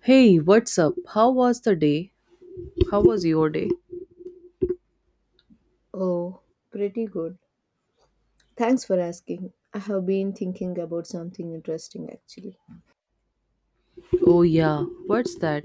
Hey, what's up? How was the day? How was your day? Oh, pretty good. Thanks for asking. I have been thinking about something interesting actually. Oh, yeah, what's that?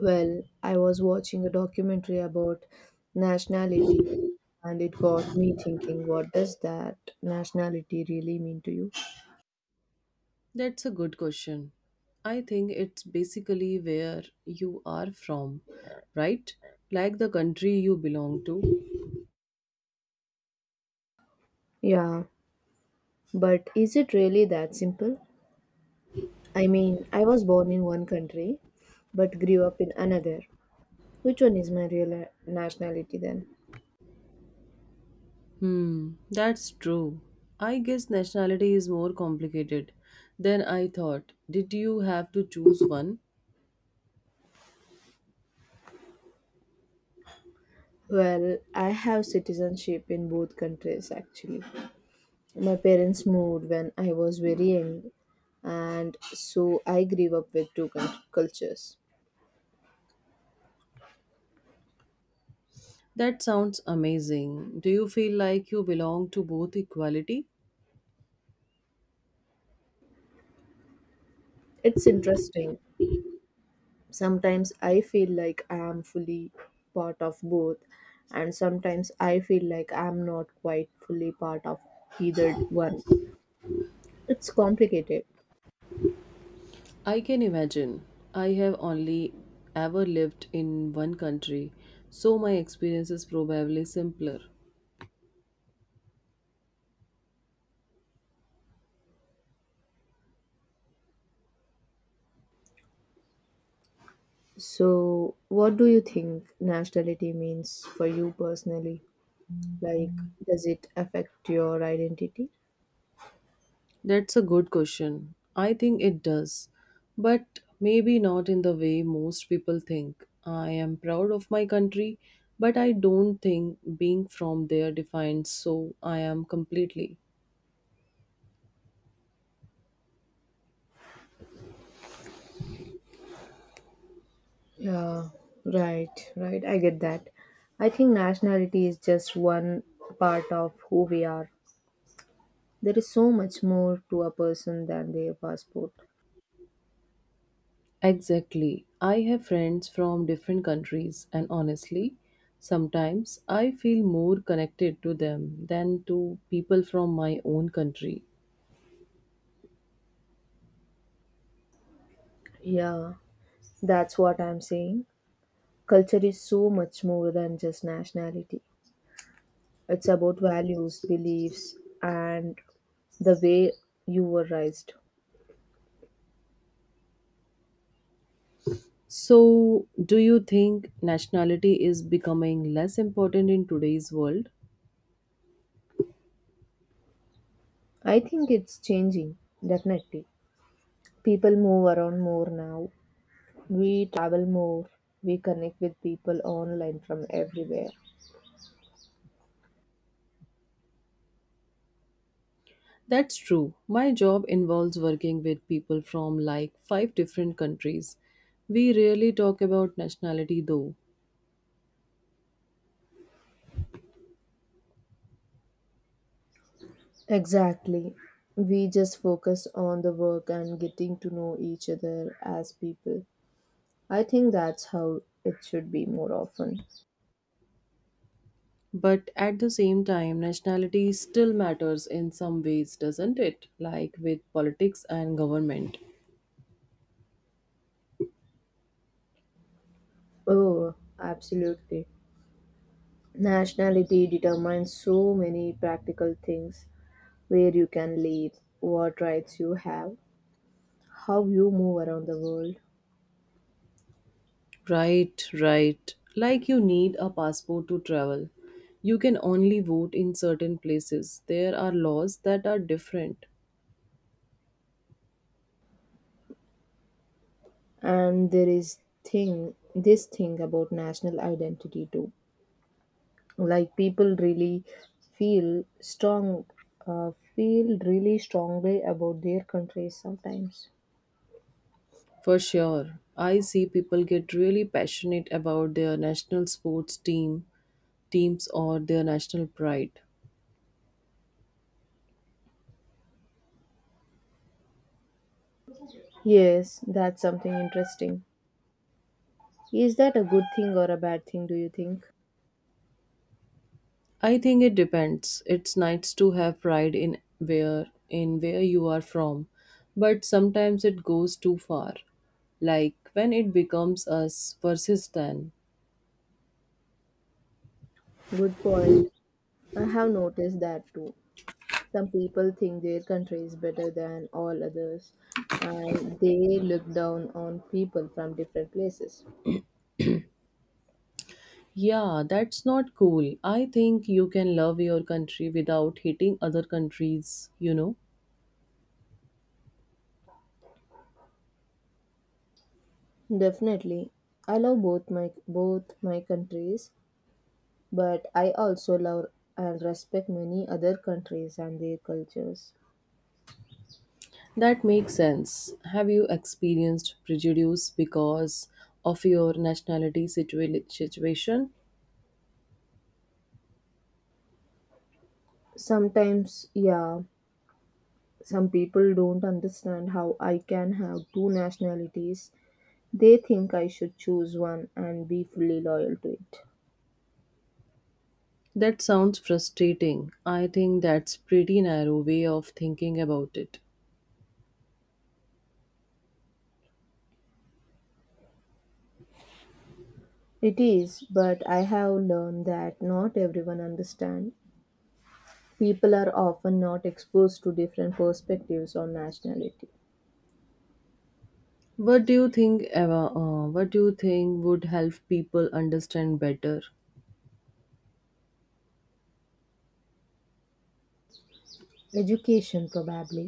Well, I was watching a documentary about nationality and it got me thinking what does that nationality really mean to you? That's a good question. I think it's basically where you are from, right? Like the country you belong to. Yeah, but is it really that simple? I mean, I was born in one country but grew up in another. Which one is my real nationality then? Hmm, that's true. I guess nationality is more complicated than I thought. Did you have to choose one? Well, I have citizenship in both countries actually. My parents moved when I was very young, and so I grew up with two cultures. That sounds amazing. Do you feel like you belong to both equality? It's interesting. Sometimes I feel like I am fully part of both, and sometimes I feel like I am not quite fully part of either one. It's complicated. I can imagine. I have only ever lived in one country, so my experience is probably simpler. So, what do you think nationality means for you personally? Like, does it affect your identity? That's a good question. I think it does, but maybe not in the way most people think. I am proud of my country, but I don't think being from there defines so I am completely. Yeah, right, right. I get that. I think nationality is just one part of who we are. There is so much more to a person than their passport. Exactly. I have friends from different countries, and honestly, sometimes I feel more connected to them than to people from my own country. Yeah, that's what I'm saying. Culture is so much more than just nationality, it's about values, beliefs, and the way you were raised. So, do you think nationality is becoming less important in today's world? I think it's changing, definitely. People move around more now, we travel more, we connect with people online from everywhere. That's true. My job involves working with people from like five different countries. We rarely talk about nationality though. Exactly. We just focus on the work and getting to know each other as people. I think that's how it should be more often. But at the same time, nationality still matters in some ways, doesn't it? Like with politics and government. Oh, absolutely. Nationality determines so many practical things: where you can live, what rights you have, how you move around the world. Right, right. Like you need a passport to travel. You can only vote in certain places. There are laws that are different. And there is thing this thing about national identity too, like people really feel strong feel really strongly about their countries sometimes. For sure. I see people get really passionate about their national sports team, teams or their national pride. Yes, that's something interesting. Is that a good thing or a bad thing do you think? I think it depends. It's nice to have pride in where you are from, but sometimes it goes too far. Like when it becomes us versus them. Good point, I have noticed that too. Some people think their country is better than all others and they look down on people from different places. Yeah, that's not cool. I think you can love your country without hating other countries, you know. Definitely. I love both my countries, but I also love and respect many other countries and their cultures. That makes sense. Have you experienced prejudice because of your situation? Sometimes, yeah, some people don't understand how I can have two nationalities. They think I should choose one and be fully loyal to it. That sounds frustrating. I think that's pretty narrow way of thinking about it. It is, but I have learned that not everyone understands. People are often not exposed to different perspectives on nationality. What do you think Eva, what do you think would help people understand better? Education, probably.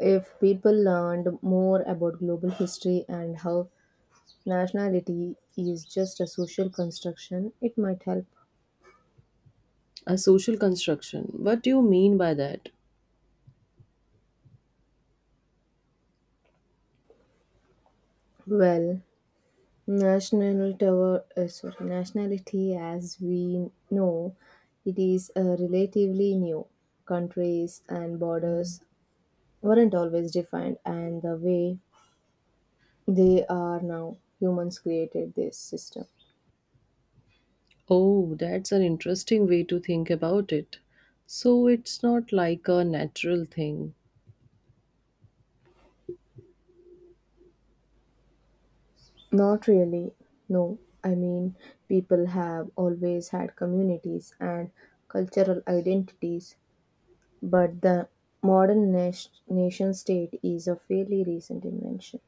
If people learned more about global history and how nationality is just a social construction, it might help. A social construction. What do you mean by that? Well, nationality as we know, it is relatively new. Countries and borders weren't always defined, and the way they are now, humans created this system. Oh, that's an interesting way to think about it. So it's not like a natural thing. Not really. No, I mean, people have always had communities and cultural identities, but the modern nation state is a fairly recent invention.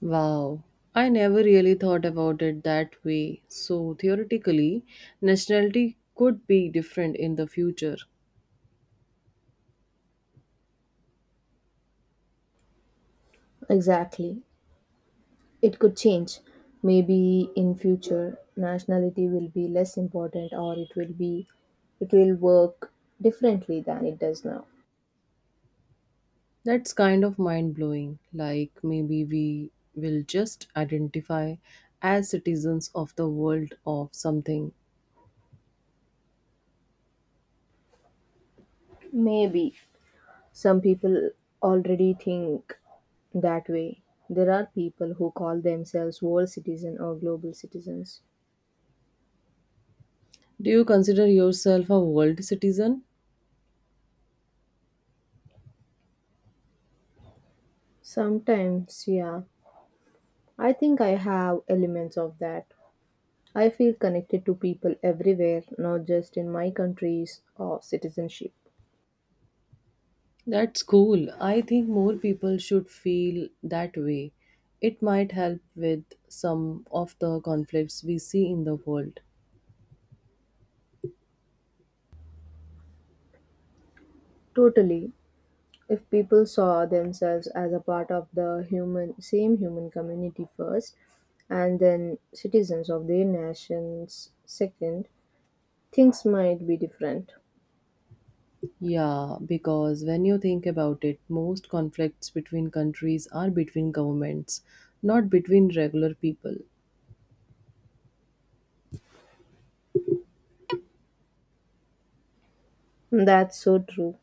Wow. I never really thought about it that way. So theoretically, nationality could be different in the future. Exactly. It could change. Maybe in future nationality will be less important, or it will work differently than it does now. That's kind of mind blowing. Like, maybe we will just identify as citizens of the world of something. Maybe some people already think that way. There are people who call themselves world citizen or global citizens. Do you consider yourself a world citizen? Sometimes, yeah, I think I have elements of that. I feel connected to people everywhere, not just in my countries or citizenship. That's cool. I think more people should feel that way. It might help with some of the conflicts we see in the world. Totally. If people saw themselves as a part of the human same human community first and then citizens of their nations second, things might be different. Yeah, because when you think about it, most conflicts between countries are between governments, not between regular people. That's so true.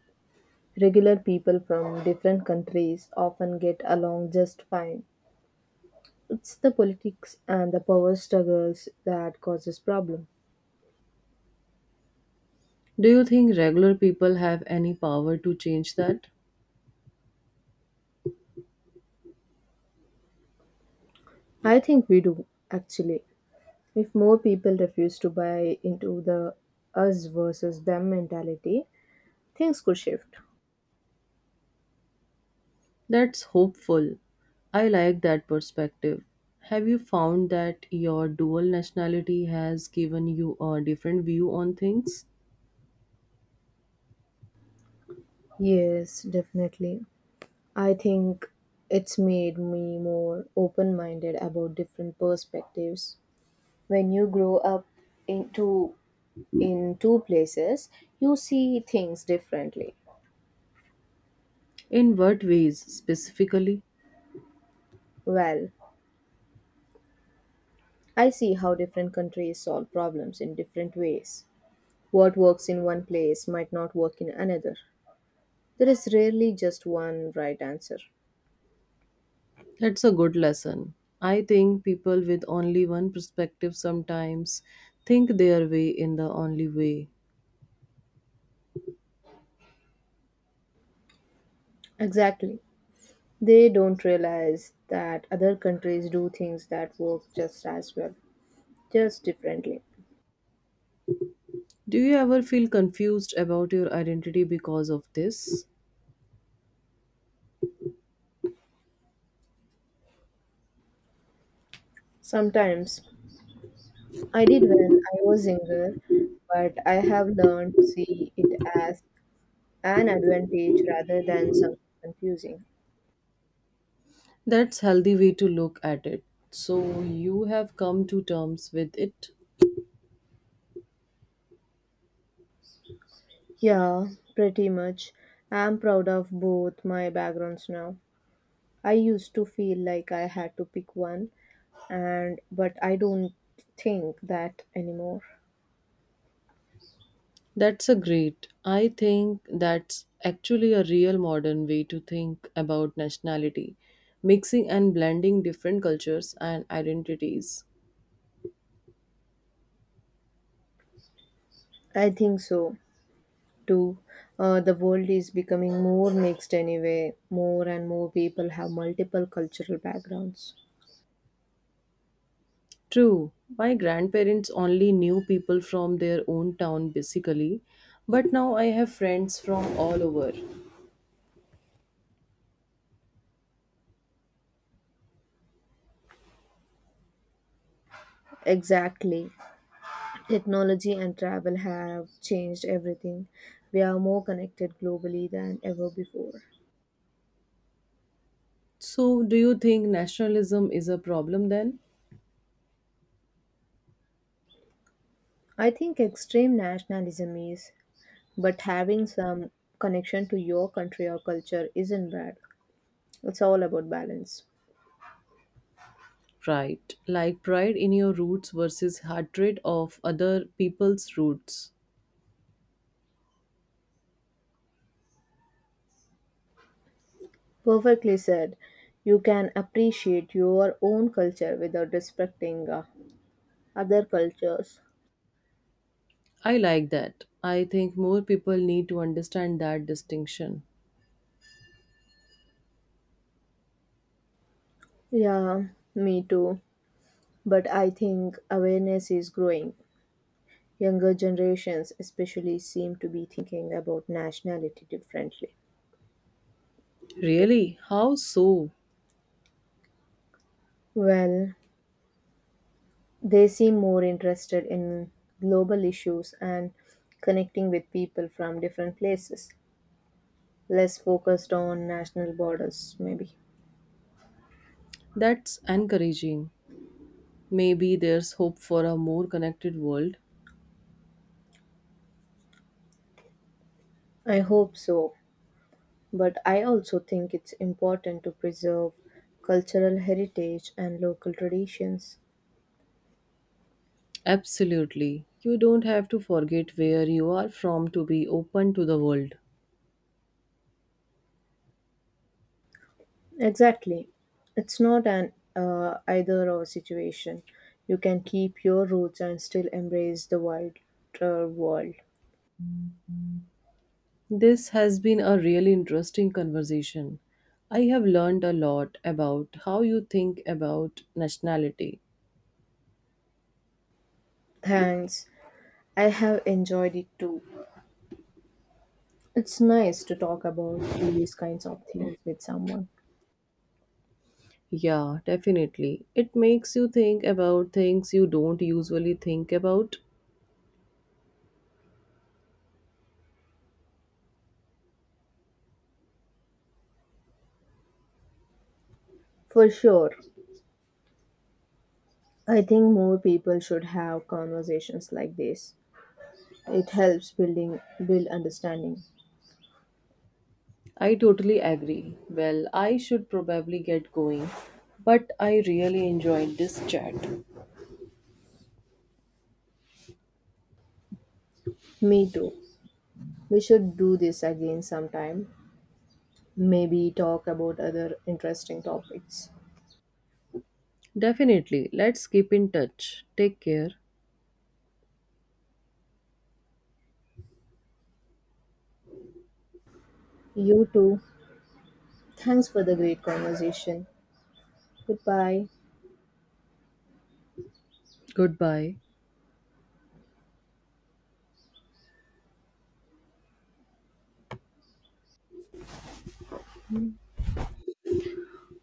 Regular people from different countries often get along just fine. It's the politics and the power struggles that causes problem. Do you think regular people have any power to change that? I think we do actually. If more people refuse to buy into the us versus them mentality, things could shift. That's hopeful. I like that perspective. Have you found that your dual nationality has given you a different view on things? Yes, definitely. I think it's made me more open minded about different perspectives. When you grow up into in two places, you see things differently. In what ways specifically? Well, I see how different countries solve problems in different ways. What works in one place might not work in another. There is rarely just one right answer. That's a good lesson. I think people with only one perspective sometimes think their way in the only way. Exactly. They don't realize that other countries do things that work just as well, just differently. Do you ever feel confused about your identity because of this? Sometimes I did when I was younger, but I have learned to see it as an advantage rather than something confusing. That's healthy way to look at it. So you have come to terms with it. Yeah, pretty much. I'm proud of both my backgrounds now. I used to feel like I had to pick one, and but I don't think that anymore. That's a great. I think that's actually a real modern way to think about nationality, mixing and blending different cultures and identities. I think so too. The world is becoming more mixed anyway. More and more people have multiple cultural backgrounds. True, my grandparents only knew people from their own town basically, but now I have friends from all over. Exactly. Technology and travel have changed everything. We are more connected globally than ever before. So do you think nationalism is a problem then? I think extreme nationalism is, but having some connection to your country or culture isn't bad. It's all about balance. Right, like pride in your roots versus hatred of other people's roots. Perfectly said. You can appreciate your own culture without respecting other cultures. I like that. I think more people need to understand that distinction. Yeah, me too. But I think awareness is growing. Younger generations, especially, seem to be thinking about nationality differently. Really? How so? Well, they seem more interested in global issues and connecting with people from different places, less focused on national borders, maybe. That's encouraging. Maybe there's hope for a more connected world. I hope so, but I also think it's important to preserve cultural heritage and local traditions. Absolutely. You don't have to forget where you are from to be open to the world. Exactly. It's not an either or situation. You can keep your roots and still embrace the wider world. This has been a really interesting conversation. I have learned a lot about how you think about nationality. Thanks. I have enjoyed it too. It's nice to talk about these kinds of things with someone. Yeah, definitely. It makes you think about things you don't usually think about. For sure. I think more people should have conversations like this. It helps build understanding. I totally agree. Well, I should probably get going, but I really enjoyed this chat. Me too. We should do this again sometime. Maybe talk about other interesting topics. Definitely. Let's keep in touch. Take care. You too. Thanks for the great conversation. Goodbye. Goodbye.